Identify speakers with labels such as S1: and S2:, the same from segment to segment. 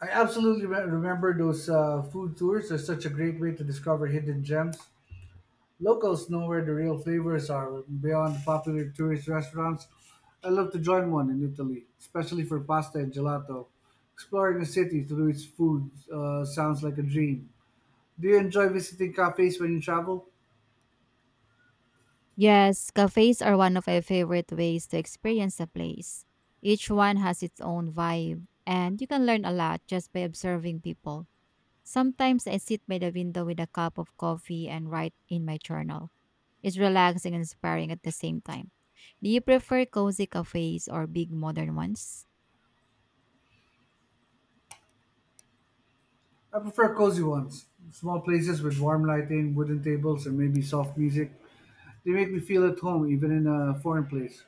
S1: I absolutely remember those food tours. They're such a great way to discover hidden gems. Locals know where the real flavors are beyond the popular tourist restaurants. I love to join one in Italy, especially for pasta and gelato. Exploring a city through its food sounds like a dream. Do you enjoy visiting cafes when you travel?
S2: Yes, cafes are one of my favorite ways to experience a place. Each one has its own vibe, and you can learn a lot just by observing people. Sometimes I sit by the window with a cup of coffee and write in my journal. It's relaxing and inspiring at the same time. Do you prefer cozy cafes or big modern ones?
S1: I prefer cozy ones, small places with warm lighting, wooden tables, and maybe soft music. They make me feel at home even in a foreign place.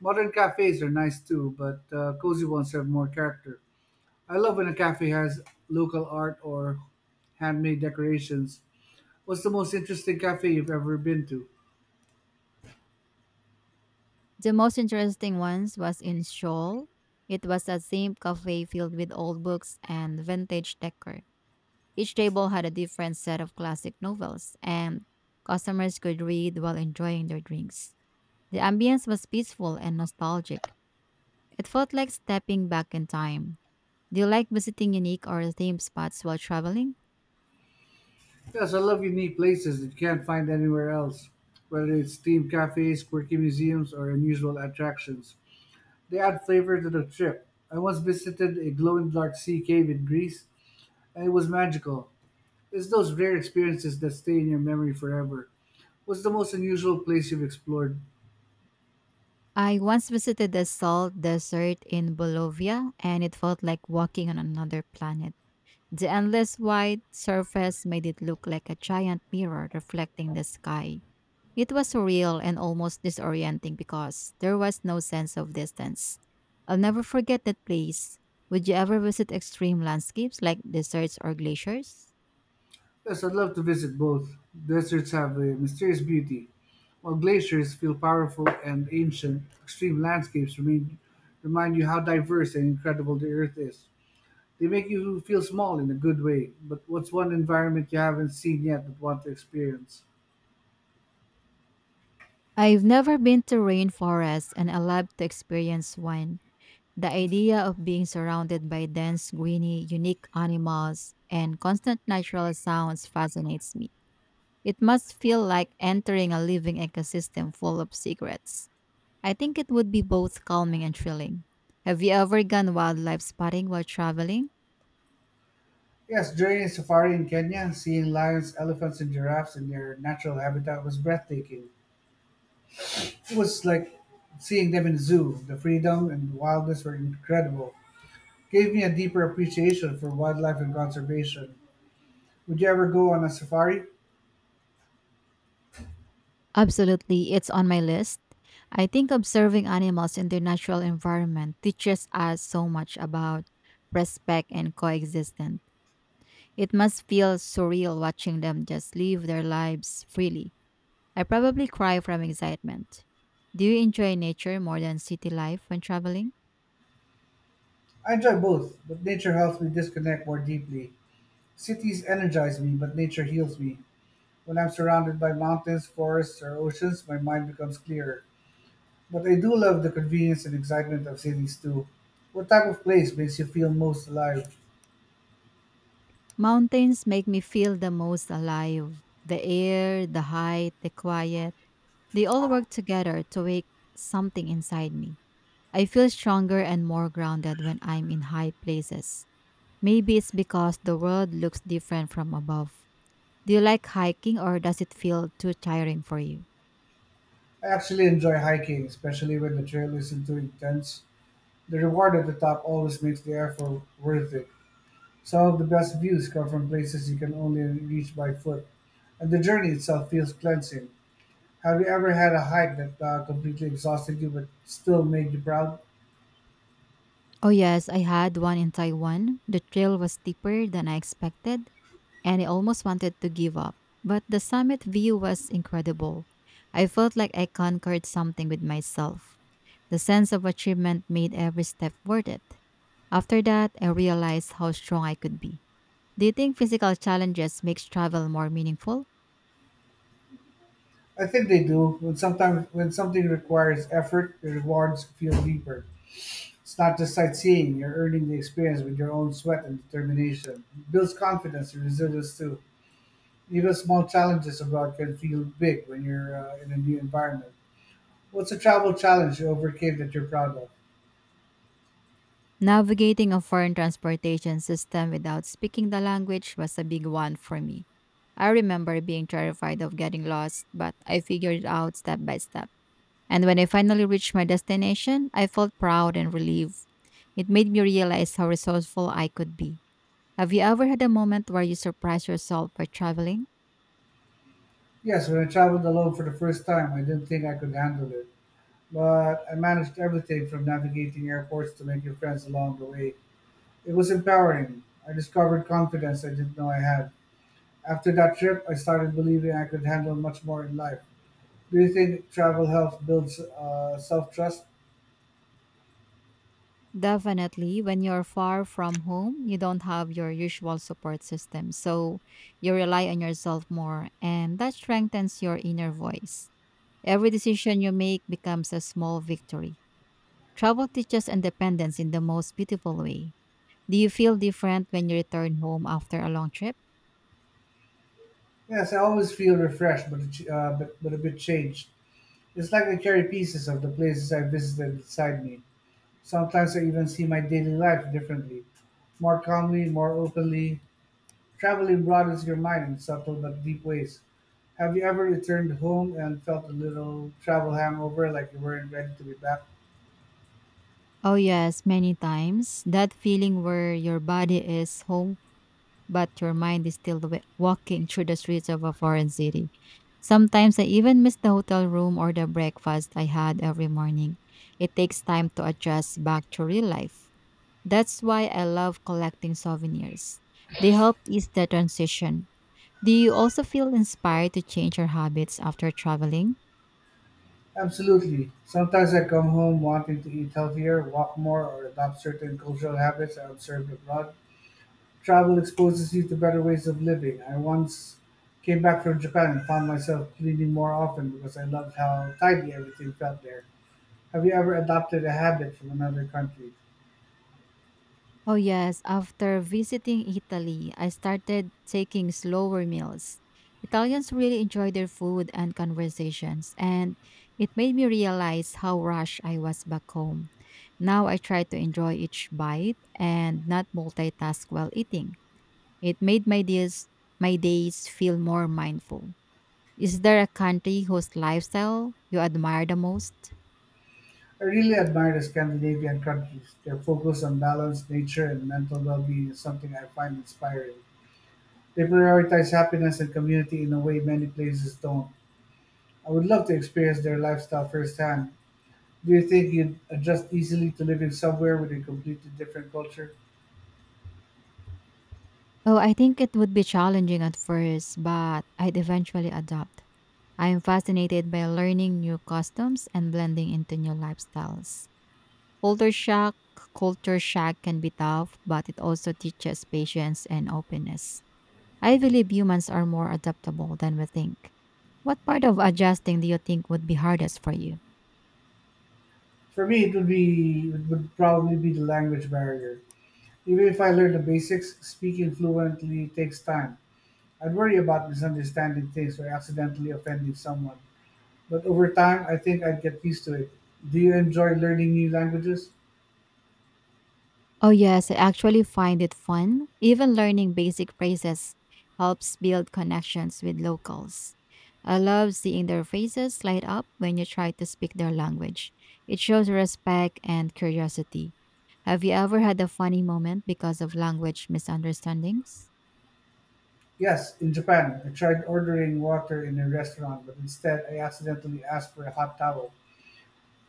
S1: Modern cafes are nice too, but cozy ones have more character. I love when a cafe has local art or handmade decorations. What's the most interesting cafe you've ever been to?
S2: The most interesting ones was in Seoul. It was a themed cafe filled with old books and vintage decor. Each table had a different set of classic novels, and customers could read while enjoying their drinks. The ambience was peaceful and nostalgic. It felt like stepping back in time. Do you like visiting unique or themed spots while traveling?
S1: Yes, I love unique places that you can't find anywhere else, whether it's themed cafes, quirky museums, or unusual attractions. They add flavor to the trip. I once visited a glowing dark sea cave in Greece, and it was magical. It's those rare experiences that stay in your memory forever. What's the most unusual place you've explored?
S2: I once visited the salt desert in Bolivia, and it felt like walking on another planet. The endless white surface made it look like a giant mirror reflecting the sky. It was surreal and almost disorienting because there was no sense of distance. I'll never forget that place. Would you ever visit extreme landscapes like deserts or glaciers?
S1: Yes, I'd love to visit both. Deserts have a mysterious beauty, while glaciers feel powerful and ancient. Remind you how diverse and incredible the Earth is. They make you feel small in a good way, but what's one environment you haven't seen yet but want to experience?
S2: I've never been to rainforests and I love to experience one. The idea of being surrounded by dense, greeny, unique animals and constant natural sounds fascinates me. It must feel like entering a living ecosystem full of secrets. I think it would be both calming and thrilling. Have you ever gone wildlife spotting while traveling?
S1: Yes, during a safari in Kenya, seeing lions, elephants, and giraffes in their natural habitat was breathtaking. It was like seeing them in a zoo. The freedom and wildness were incredible. Gave me a deeper appreciation for wildlife and conservation. Would you ever go on a safari?
S2: Absolutely, it's on my list. I think observing animals in their natural environment teaches us so much about respect and coexistence. It must feel surreal watching them just live their lives freely. I probably cry from excitement. Do you enjoy nature more than city life when traveling?
S1: I enjoy both, but nature helps me disconnect more deeply. Cities energize me, but nature heals me. When I'm surrounded by mountains, forests, or oceans, my mind becomes clearer. But I do love the convenience and excitement of cities too. What type of place makes you feel most alive?
S2: Mountains make me feel the most alive. The air, the height, the quiet. They all work together to wake something inside me. I feel stronger and more grounded when I'm in high places. Maybe it's because the world looks different from above. Do you like hiking or does it feel too tiring for you?
S1: I actually enjoy hiking, especially when the trail isn't too intense. The reward at the top always makes the effort worth it. Some of the best views come from places you can only reach by foot, and the journey itself feels cleansing. Have you ever had a hike that completely exhausted you but still made you proud?
S2: Oh, yes, I had one in Taiwan. The trail was steeper than I expected, and I almost wanted to give up. But the summit view was incredible. I felt like I conquered something with myself. The sense of achievement made every step worth it. After that, I realized how strong I could be. Do you think physical challenges makes travel more meaningful?
S1: I think they do. When sometimes when something requires effort, the rewards feel deeper. It's not just sightseeing; you're earning the experience with your own sweat and determination. It builds confidence and resilience too. Even small challenges abroad can feel big when you're in a new environment. What's a travel challenge you overcame that you're proud of?
S2: Navigating a foreign transportation system without speaking the language was a big one for me. I remember being terrified of getting lost, but I figured it out step by step. And when I finally reached my destination, I felt proud and relieved. It made me realize how resourceful I could be. Have you ever had a moment where you surprised yourself by traveling?
S1: Yes, when I traveled alone for the first time, I didn't think I could handle it. But I managed everything from navigating airports to making friends along the way. It was empowering. I discovered confidence I didn't know I had. After that trip, I started believing I could handle much more in life. Do you think travel helps build self trust?
S2: Definitely. When you're far from home, you don't have your usual support system. So you rely on yourself more, and that strengthens your inner voice. Every decision you make becomes a small victory. Travel teaches independence in the most beautiful way. Do you feel different when you return home after a long trip?
S1: Yes, I always feel refreshed, but a bit changed. It's like I carry pieces of the places I visited inside me. Sometimes I even see my daily life differently, more calmly, more openly. Traveling broadens your mind in subtle but deep ways. Have you ever returned home and felt a little travel hangover, like you weren't ready to be back?
S2: Oh, yes, many times. That feeling where your body is home, but your mind is still walking through the streets of a foreign city. Sometimes I even miss the hotel room or the breakfast I had every morning. It takes time to adjust back to real life. That's why I love collecting souvenirs. They help ease the transition. Do you also feel inspired to change your habits after traveling?
S1: Absolutely. Sometimes I come home wanting to eat healthier, walk more, or adopt certain cultural habits I observed abroad. Travel exposes you to better ways of living. I once came back from Japan and found myself cleaning more often because I loved how tidy everything felt there. Have you ever adopted a habit from another country?
S2: Oh, yes. After visiting Italy, I started taking slower meals. Italians really enjoy their food and conversations, and it made me realize how rushed I was back home. Now I try to enjoy each bite and not multitask while eating. It made my days feel more mindful. Is there a country whose lifestyle you admire the most?
S1: I really admire the Scandinavian countries. Their focus on balance, nature, and mental well being is something I find inspiring. They prioritize happiness and community in a way many places don't. I would love to experience their lifestyle firsthand. Do you think you'd adjust easily to living somewhere with a completely different culture?
S2: Oh, I think it would be challenging at first, but I'd eventually adapt. I am fascinated by learning new customs and blending into new lifestyles. Culture shock, Culture shock can be tough, but it also teaches patience and openness. I believe humans are more adaptable than we think. What part of adjusting do you think would be hardest for you?
S1: For me, it would probably be the language barrier. Even if I learn the basics, speaking fluently takes time. I'd worry about misunderstanding things or accidentally offending someone. But over time, I think I'd get used to it. Do you enjoy learning new languages?
S2: Oh, yes, I actually find it fun. Even learning basic phrases helps build connections with locals. I love seeing their faces light up when you try to speak their language. It shows respect and curiosity. Have you ever had a funny moment because of language misunderstandings?
S1: Yes, in Japan, I tried ordering water in a restaurant, but instead I accidentally asked for a hot towel.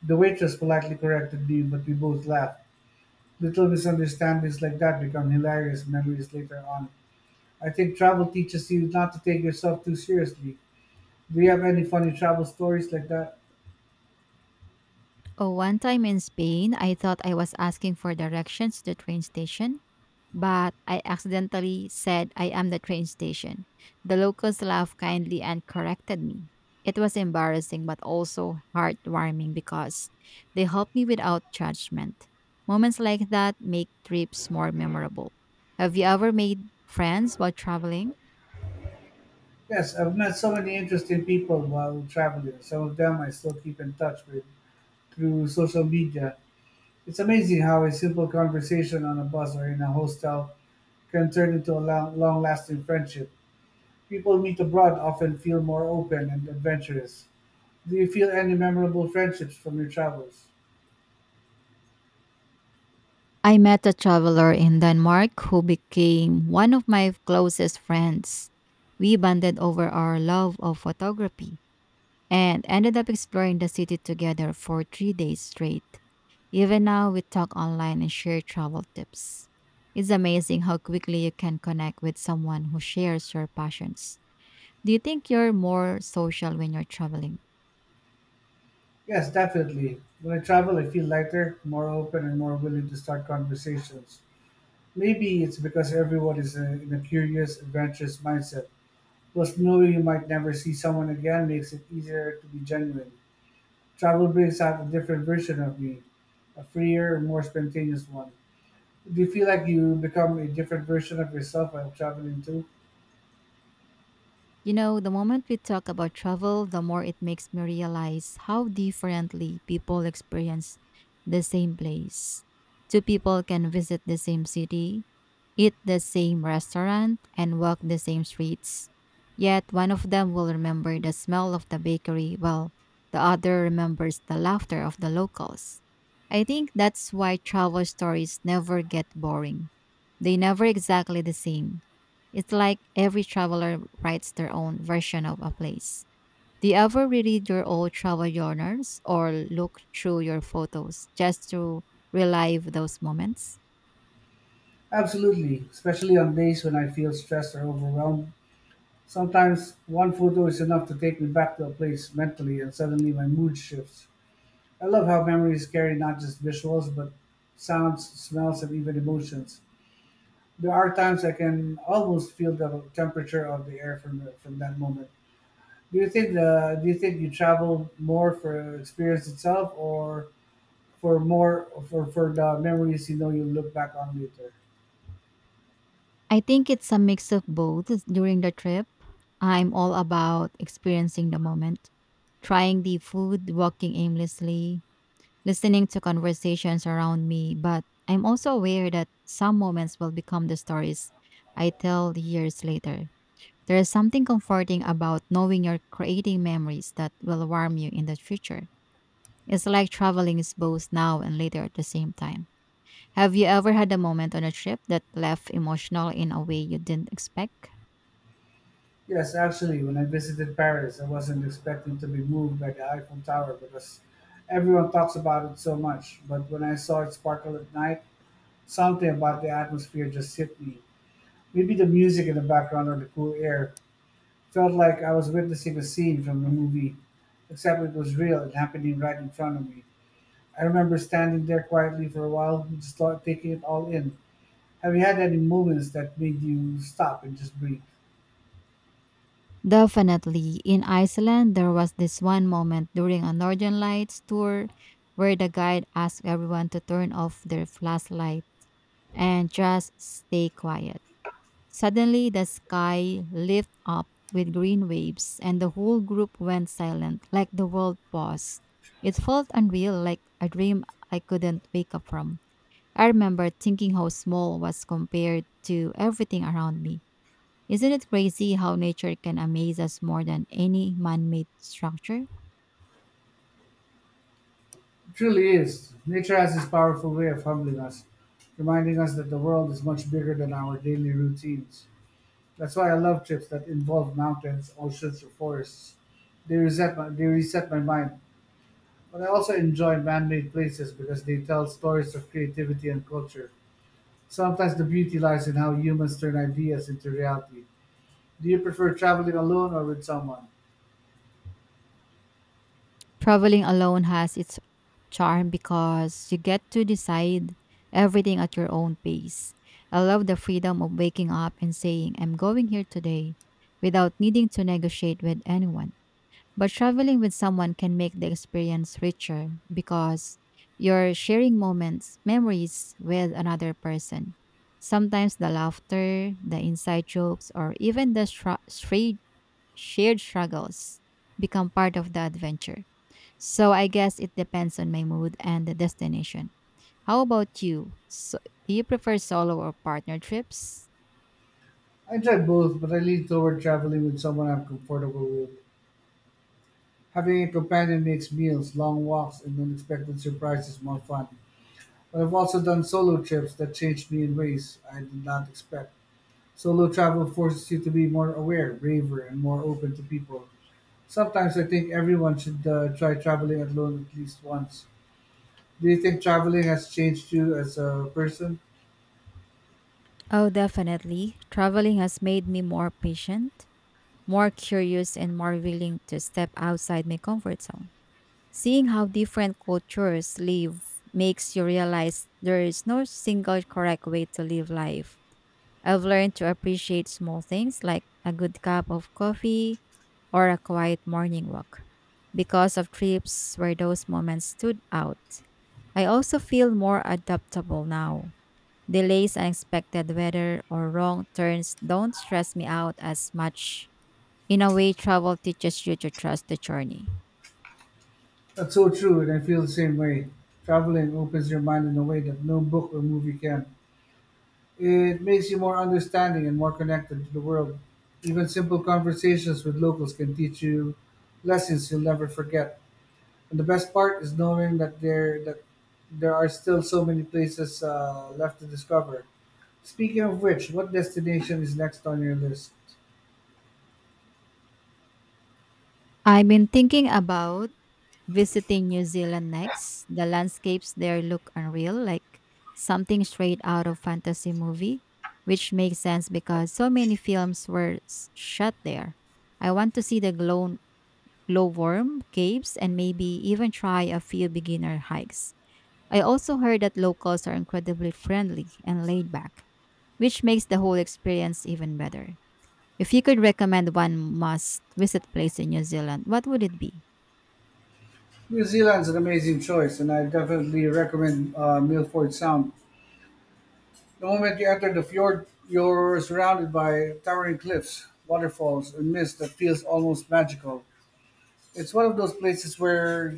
S1: The waitress politely corrected me, but we both laughed. Little misunderstandings like that become hilarious memories later on. I think travel teaches you not to take yourself too seriously. Do you have any funny travel stories like that?
S2: Oh, one time in Spain, I thought I was asking for directions to the train station, but I accidentally said I am the train station. The locals laughed kindly and corrected me. It was embarrassing but also heartwarming because they helped me without judgment. Moments like that make trips more memorable. Have you ever made friends while traveling?
S1: Yes, I've met so many interesting people while traveling. Some of them I still keep in touch with through social media. It's amazing how a simple conversation on a bus or in a hostel can turn into a long lasting friendship. People meet abroad often feel more open and adventurous. Do you feel any memorable friendships from your travels?
S2: I met a traveler in Denmark who became one of my closest friends. We bonded over our love of photography and ended up exploring the city together for three days straight. Even now, we talk online and share travel tips. It's amazing how quickly you can connect with someone who shares your passions. Do you think you're more social when you're traveling?
S1: Yes, definitely. When I travel, I feel lighter, more open, and more willing to start conversations. Maybe it's because everyone is in a curious, adventurous mindset. Plus, knowing you might never see someone again makes it easier to be genuine. Travel brings out a different version of you, a freer, more spontaneous one. Do you feel like you become a different version of yourself while traveling too?
S2: You know, the moment we talk about travel, the more it makes me realize how differently people experience the same place. Two people can visit the same city, eat the same restaurant, and walk the same streets. Yet one of them will remember the smell of the bakery while the other remembers the laughter of the locals. I think that's why travel stories never get boring. They never exactly the same it's like every traveler writes their own version of a place. Do you ever reread your old travel journals or look through your photos just to relive those moments?
S1: Absolutely, especially on days when I feel stressed or overwhelmed. Sometimes one photo is enough to take me back to a place mentally, and suddenly my mood shifts. I love how memories carry not just visuals, but sounds, smells, and even emotions. There are times I can almost feel the temperature of the air from that moment. Do you think you travel more for experience itself or for the memories you know you look back on later?
S2: I think it's a mix of both. During the trip, I'm all about experiencing the moment, trying the food, walking aimlessly, listening to conversations around me, but I'm also aware that some moments will become the stories I tell years later. There is something comforting about knowing you're creating memories that will warm you in the future. It's like traveling is both now and later at the same time. Have you ever had a moment on a trip that left emotional in a way you didn't expect?
S1: Yes, actually, when I visited Paris, I wasn't expecting to be moved by the Eiffel Tower because everyone talks about it so much. But when I saw it sparkle at night, something about the atmosphere just hit me. Maybe the music in the background or the cool air felt like I was witnessing a scene from a movie, except it was real and happening right in front of me. I remember standing there quietly for a while, just like taking it all in. Have you had any moments that made you stop and just breathe?
S2: Definitely. In Iceland, there was this one moment during a Northern Lights tour where the guide asked everyone to turn off their flashlight and just stay quiet. Suddenly, the sky lit up with green waves, and the whole group went silent, like the world paused. It felt unreal, like a dream I couldn't wake up from. I remember thinking how small was compared to everything around me. Isn't it crazy how nature can amaze us more than any man made structure?
S1: It truly is. Nature has this powerful way of humbling us, reminding us that the world is much bigger than our daily routines. That's why I love trips that involve mountains, oceans, or forests. They reset my mind. But I also enjoy man-made places because they tell stories of creativity and culture. Sometimes the beauty lies in how humans turn ideas into reality. Do you prefer traveling alone or with someone?
S2: Traveling alone has its charm because you get to decide everything at your own pace. I love the freedom of waking up and saying, I'm going here today without needing to negotiate with anyone. But traveling with someone can make the experience richer because you're sharing moments, memories with another person. Sometimes the laughter, the inside jokes, or even the shared struggles become part of the adventure. So I guess it depends on my mood and the destination. How about you? So, do you prefer solo or partner trips?
S1: I enjoy both, but I lean toward traveling with someone I'm comfortable with. Having a companion makes meals, long walks, and unexpected surprises more fun. But I've also done solo trips that changed me in ways I did not expect. Solo travel forces you to be more aware, braver, and more open to people. Sometimes I think everyone should try traveling alone at least once. Do you think traveling has changed you as a person?
S2: Oh, definitely. Traveling has made me more patient, more curious, and more willing to step outside my comfort zone. Seeing how different cultures live makes you realize there is no single correct way to live life. I've learned to appreciate small things like a good cup of coffee or a quiet morning walk because of trips where those moments stood out. I also feel more adaptable now. Delays, unexpected weather, or wrong turns don't stress me out as much. In a way, travel teaches you to trust the journey.
S1: That's so true, and I feel the same way. Traveling opens your mind in a way that no book or movie can. It makes you more understanding and more connected to the world. Even simple conversations with locals can teach you lessons you'll never forget. And the best part is knowing that there are still so many places left to discover. Speaking of which, what destination is next on your list?
S2: I've been thinking about visiting New Zealand next. The landscapes there look unreal, like something straight out of fantasy movie, which makes sense because so many films were shot there. I want to see the glowworm caves and maybe even try a few beginner hikes. I also heard that locals are incredibly friendly and laid back, which makes the whole experience even better. If you could recommend one must visit place in New Zealand, what would it be?
S1: New Zealand's an amazing choice, and I definitely recommend Milford Sound. The moment you enter the fjord, you're surrounded by towering cliffs, waterfalls, and mist that feels almost magical. It's one of those places where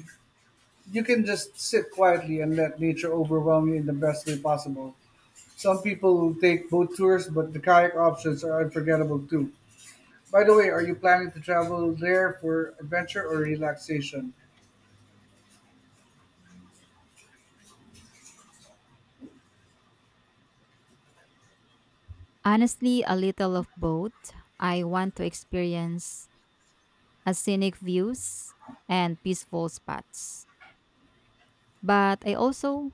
S1: you can just sit quietly and let nature overwhelm you in the best way possible. Some people take boat tours, but the kayak options are unforgettable too. By the way, are you planning to travel there for adventure or relaxation?
S2: Honestly, a little of both. I want to experience a scenic views and peaceful spots. But I also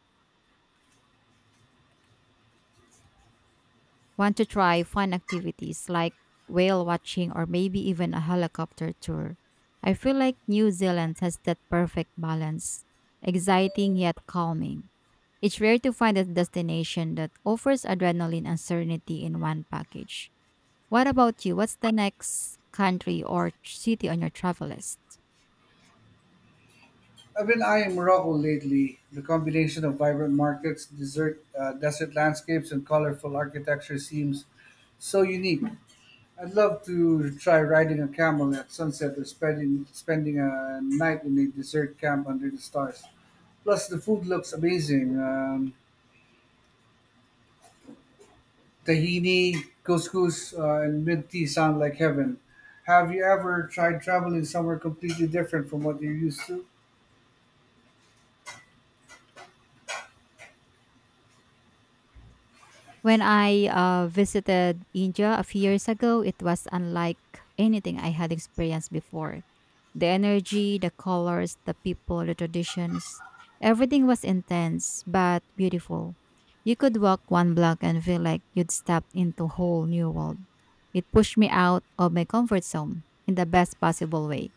S2: want to try fun activities like whale watching or maybe even a helicopter tour. I feel like New Zealand has that perfect balance, exciting yet calming. It's rare to find a destination that offers adrenaline and serenity in one package. What about you? What's the next country or city on your travel list?
S1: I've been eyeing Morocco lately. The combination of vibrant markets, desert landscapes, and colorful architecture seems so unique. I'd love to try riding a camel at sunset or spending a night in a desert camp under the stars. Plus, the food looks amazing. Tahini, couscous, and mint tea sound like heaven. Have you ever tried traveling somewhere completely different from what you're used to?
S2: When I visited India a few years ago, it was unlike anything I had experienced before. The energy, the colors, the people, the traditions, everything was intense but beautiful. You could walk one block and feel like you'd stepped into a whole new world. It pushed me out of my comfort zone in the best possible way.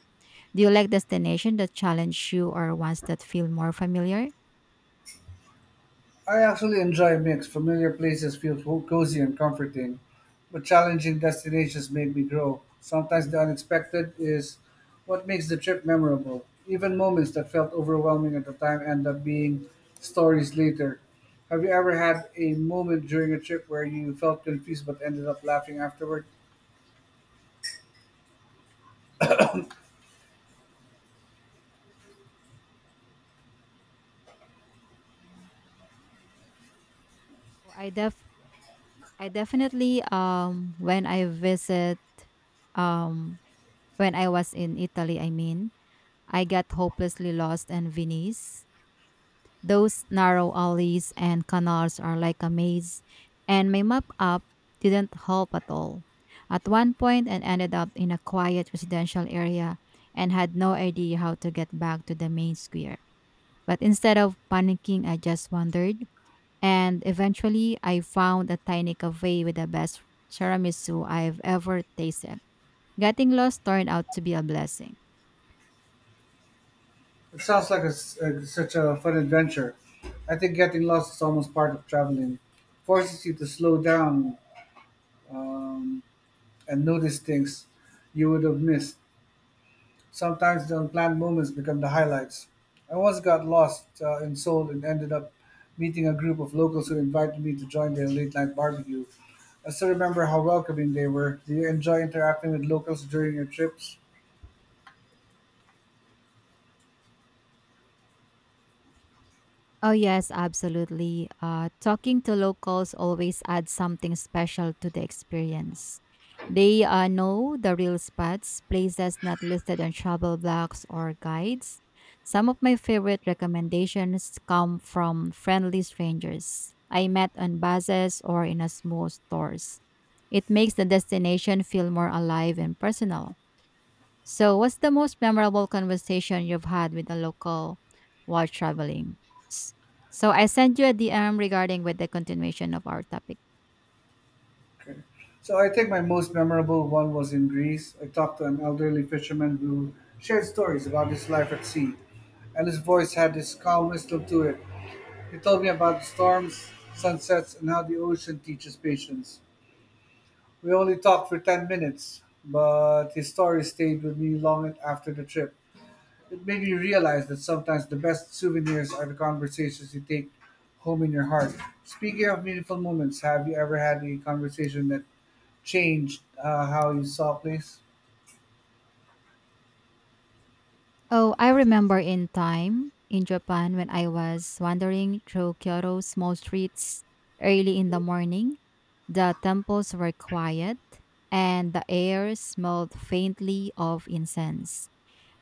S2: Do you like destination that challenge you or ones that feel more familiar?
S1: I actually enjoy a mix. Familiar places feel cozy and comforting, but challenging destinations make me grow. Sometimes the unexpected is what makes the trip memorable. Even moments that felt overwhelming at the time end up being stories later. Have you ever had a moment during a trip where you felt confused but ended up laughing afterward?
S2: So, I def I definitely um when I was in Italy, I mean, I got hopelessly lost in Venice. Those narrow alleys and canals are like a maze, and my map app didn't help at all. At one point, I ended up in a quiet residential area and had no idea how to get back to the main square. But instead of panicking, I just wandered and eventually, I found a tiny cafe with the best tiramisu I've ever tasted. Getting lost turned out to be a blessing.
S1: It sounds like a s such a fun adventure. I think getting lost is almost part of traveling. Forces you to slow down. Um, and notice things you would have missed. Sometimes the unplanned moments become the highlights. I once got lost in Seoul and ended up meeting a group of locals who invited me to join their late night barbecue. I still remember how welcoming they were. Do you enjoy interacting with locals during your trips?
S2: Oh, yes, absolutely. Talking to locals always adds something special to the experience. They know the real spots, places not listed on travel blogs or guides. Some of my favorite recommendations come from friendly strangers I met on buses or in a small stores. It makes the destination feel more alive and personal. So, what's the most memorable conversation you've had with a local while traveling? S- So, I sent you a DM regarding with the continuation of our topic.
S1: Okay. So I think my most memorable one was in Greece. I talked to an elderly fisherman who shared stories about his life at sea, and his voice had this calmness to it. He told me about the storms, sunsets, and how the ocean teaches patience. We only talked for 10 minutes, but his story stayed with me long after the trip. It made me realize that sometimes the best souvenirs are the conversations you take home in your heart. Speaking of meaningful moments, have you ever had a conversation that changed how you saw a place?
S2: Oh, I remember in time in Japan when I was wandering through Kyoto's small streets early in the morning. The temples were quiet and the air smelled faintly of incense.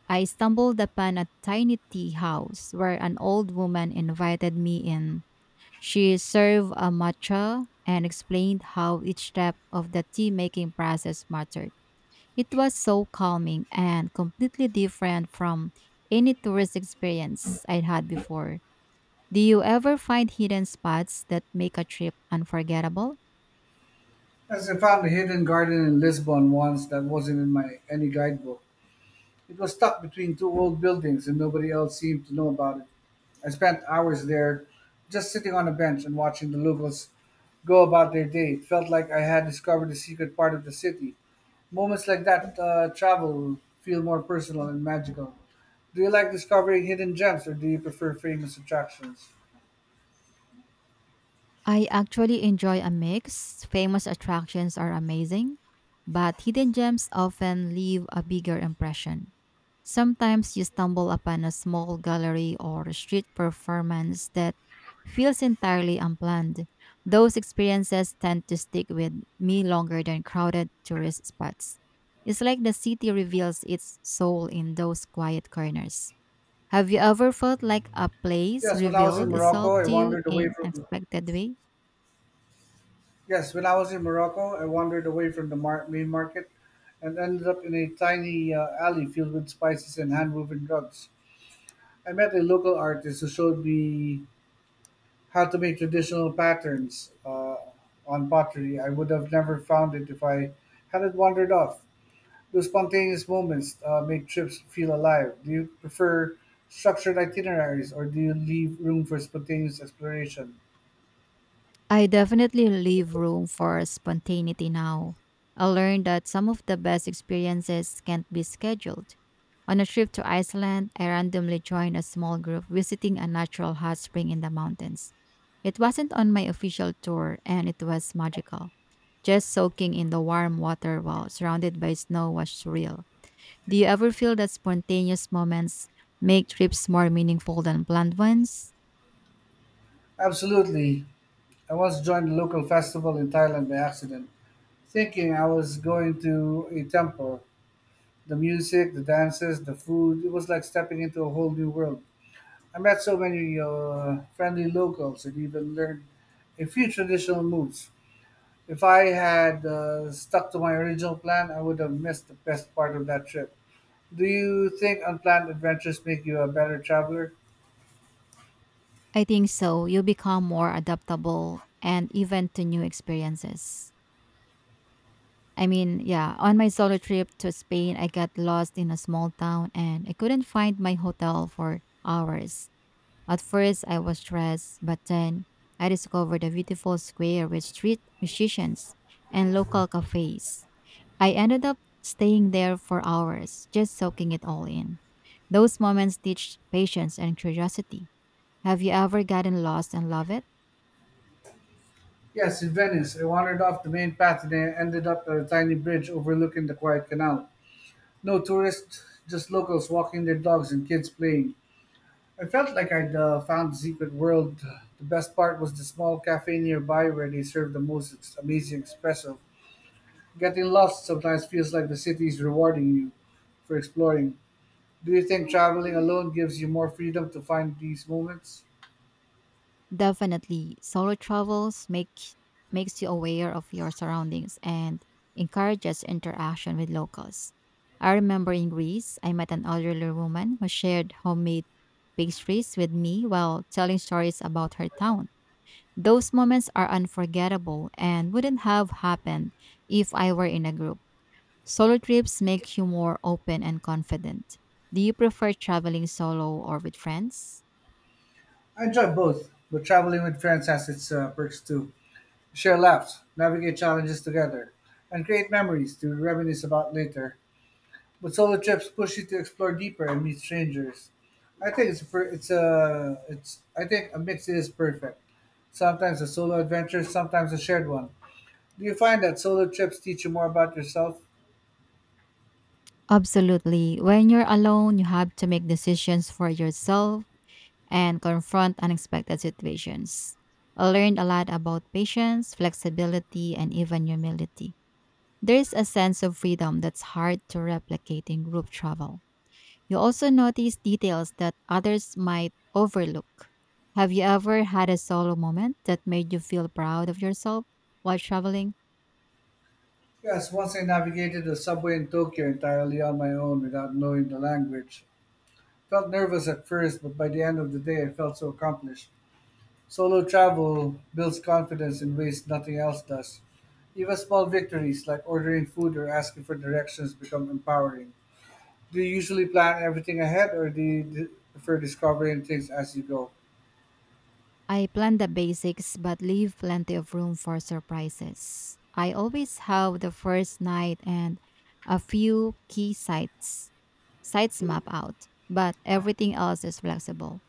S2: I stumbled upon a tiny tea house where an old woman invited me in. She served a matcha and explained how each step of the tea making process mattered. It was so calming and completely different from any tourist experience I'd had before. Do you ever find hidden spots that make a trip unforgettable?
S1: As I found a hidden garden in Lisbon once that wasn't in my any guidebook. It was stuck between two old buildings and nobody else seemed to know about it. I spent hours there just sitting on a bench and watching the locals go about their day. It felt like I had discovered a secret part of the city. Moments like that travel feel more personal and magical. Do you like discovering hidden gems or do you prefer famous attractions?
S2: I actually enjoy a mix. Famous attractions are amazing, but hidden gems often leave a bigger impression. Sometimes you stumble upon a small gallery or street performance that feels entirely unplanned. Those experiences tend to stick with me longer than crowded tourist spots. It's like the city reveals its soul in those quiet corners. Have you ever felt like a place
S1: Yes, when I was in
S2: revealed itself
S1: Morocco, I
S2: to you
S1: wandered away
S2: in an
S1: from
S2: unexpected way?
S1: Yes, when I was in Morocco, I wandered away from the main market and ended up in a tiny alley filled with spices and hand woven rugs. I met a local artist who showed me how to make traditional patterns on pottery. I would have never found it if I hadn't wandered off. Those spontaneous moments make trips feel alive. Do you prefer structured itineraries or do you leave room for spontaneous exploration?
S2: I definitely leave room for spontaneity now. I learned that some of the best experiences can't be scheduled. On a trip to Iceland, I randomly joined a small group visiting a natural hot spring in the mountains. It wasn't on my official tour and it was magical. Just soaking in the warm water while surrounded by snow was surreal. Do you ever feel that spontaneous moments make trips more meaningful than planned ones?
S1: Absolutely. I once joined a local festival in Thailand by accident thinking I was going to a temple. The music, the dances, the food, it was like stepping into a whole new world. I met so many friendly locals and even learned a few traditional moves. If I had stuck to my original plan, I would have missed the best part of that trip. Do you think unplanned adventures make you a better traveler?
S2: I think so. You become more adaptable and even to new experiences. I mean, yeah, on my solo trip to Spain, I got lost in a small town and I couldn't find my hotel for hours. At first, I was stressed, but then I discovered a beautiful square with street musicians and local cafes. I ended up staying there for hours, just soaking it all in. Those moments teach patience and curiosity. Have you ever gotten lost and love it?
S1: Yes, in Venice, I wandered off the main path and I ended up at a tiny bridge overlooking the quiet canal. No tourists, just locals walking their dogs and kids playing. I felt like I'd found the secret world. The best part was the small cafe nearby where they served the most amazing espresso. Getting lost sometimes feels like the city is rewarding you for exploring. Do you think traveling alone gives you more freedom to find these moments?
S2: Definitely, solo travels make makes you aware of your surroundings and encourages interaction with locals. I remember in Greece, I met an elderly woman who shared homemade pastries with me while telling stories about her town. Those moments are unforgettable and wouldn't have happened if I were in a group. Solo trips make you more open and confident. Do you prefer traveling solo or with friends?
S1: I enjoy both, but traveling with friends has its perks too. Share laughs, navigate challenges together, and create memories to reminisce about later. But solo trips push you to explore deeper and meet strangers. I think it's a per- it's a it's I think a mix is perfect. Sometimes a solo adventure, sometimes a shared one. Do you find that solo trips teach you more about yourself?
S2: Absolutely. When you're alone, you have to make decisions for yourself and confront unexpected situations. I learned a lot about patience, flexibility, and even humility. There's a sense of freedom that's hard to replicate in group travel. You also notice details that others might overlook. Have you ever had a solo moment that made you feel proud of yourself while traveling?
S1: Yes, once I navigated the subway in Tokyo entirely on my own without knowing the language. Felt nervous at first, but by the end of the day I felt so accomplished. Solo travel builds confidence in ways nothing else does. Even small victories like ordering food or asking for directions become empowering. Do you usually plan everything ahead or do you prefer discovering things as you go?
S2: I plan the basics but leave plenty of room for surprises. I always have the first night and a few key sites map out, but everything else is flexible.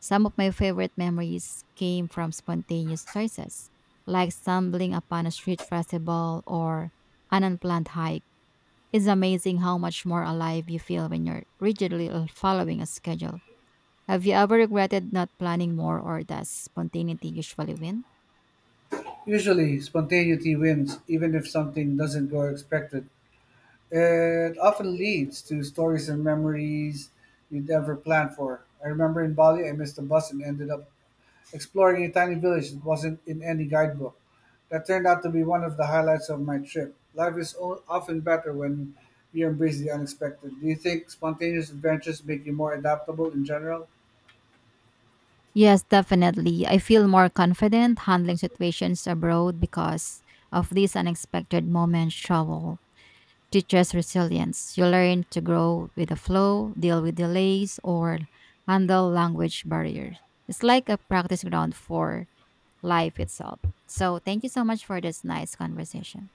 S2: Some of my favorite memories came from spontaneous choices, like stumbling upon a street festival or an unplanned hike. It's amazing how much more alive you feel when you're rigidly following a schedule. Have you ever regretted not planning more, or does spontaneity usually win?
S1: Usually, spontaneity wins, even if something doesn't go expected. It often leads to stories and memories you'd never planned for. I remember in Bali, I missed a bus and ended up exploring a tiny village that wasn't in any guidebook. That turned out to be one of the highlights of my trip. Life is often better when you embrace the unexpected. Do you think spontaneous adventures make you more adaptable in general?
S2: Yes, definitely. I feel more confident handling situations abroad because of these unexpected moments travel teaches resilience. You learn to grow with the flow, deal with delays, or handle language barriers. It's like a practice ground for life itself. So, thank you so much for this nice conversation.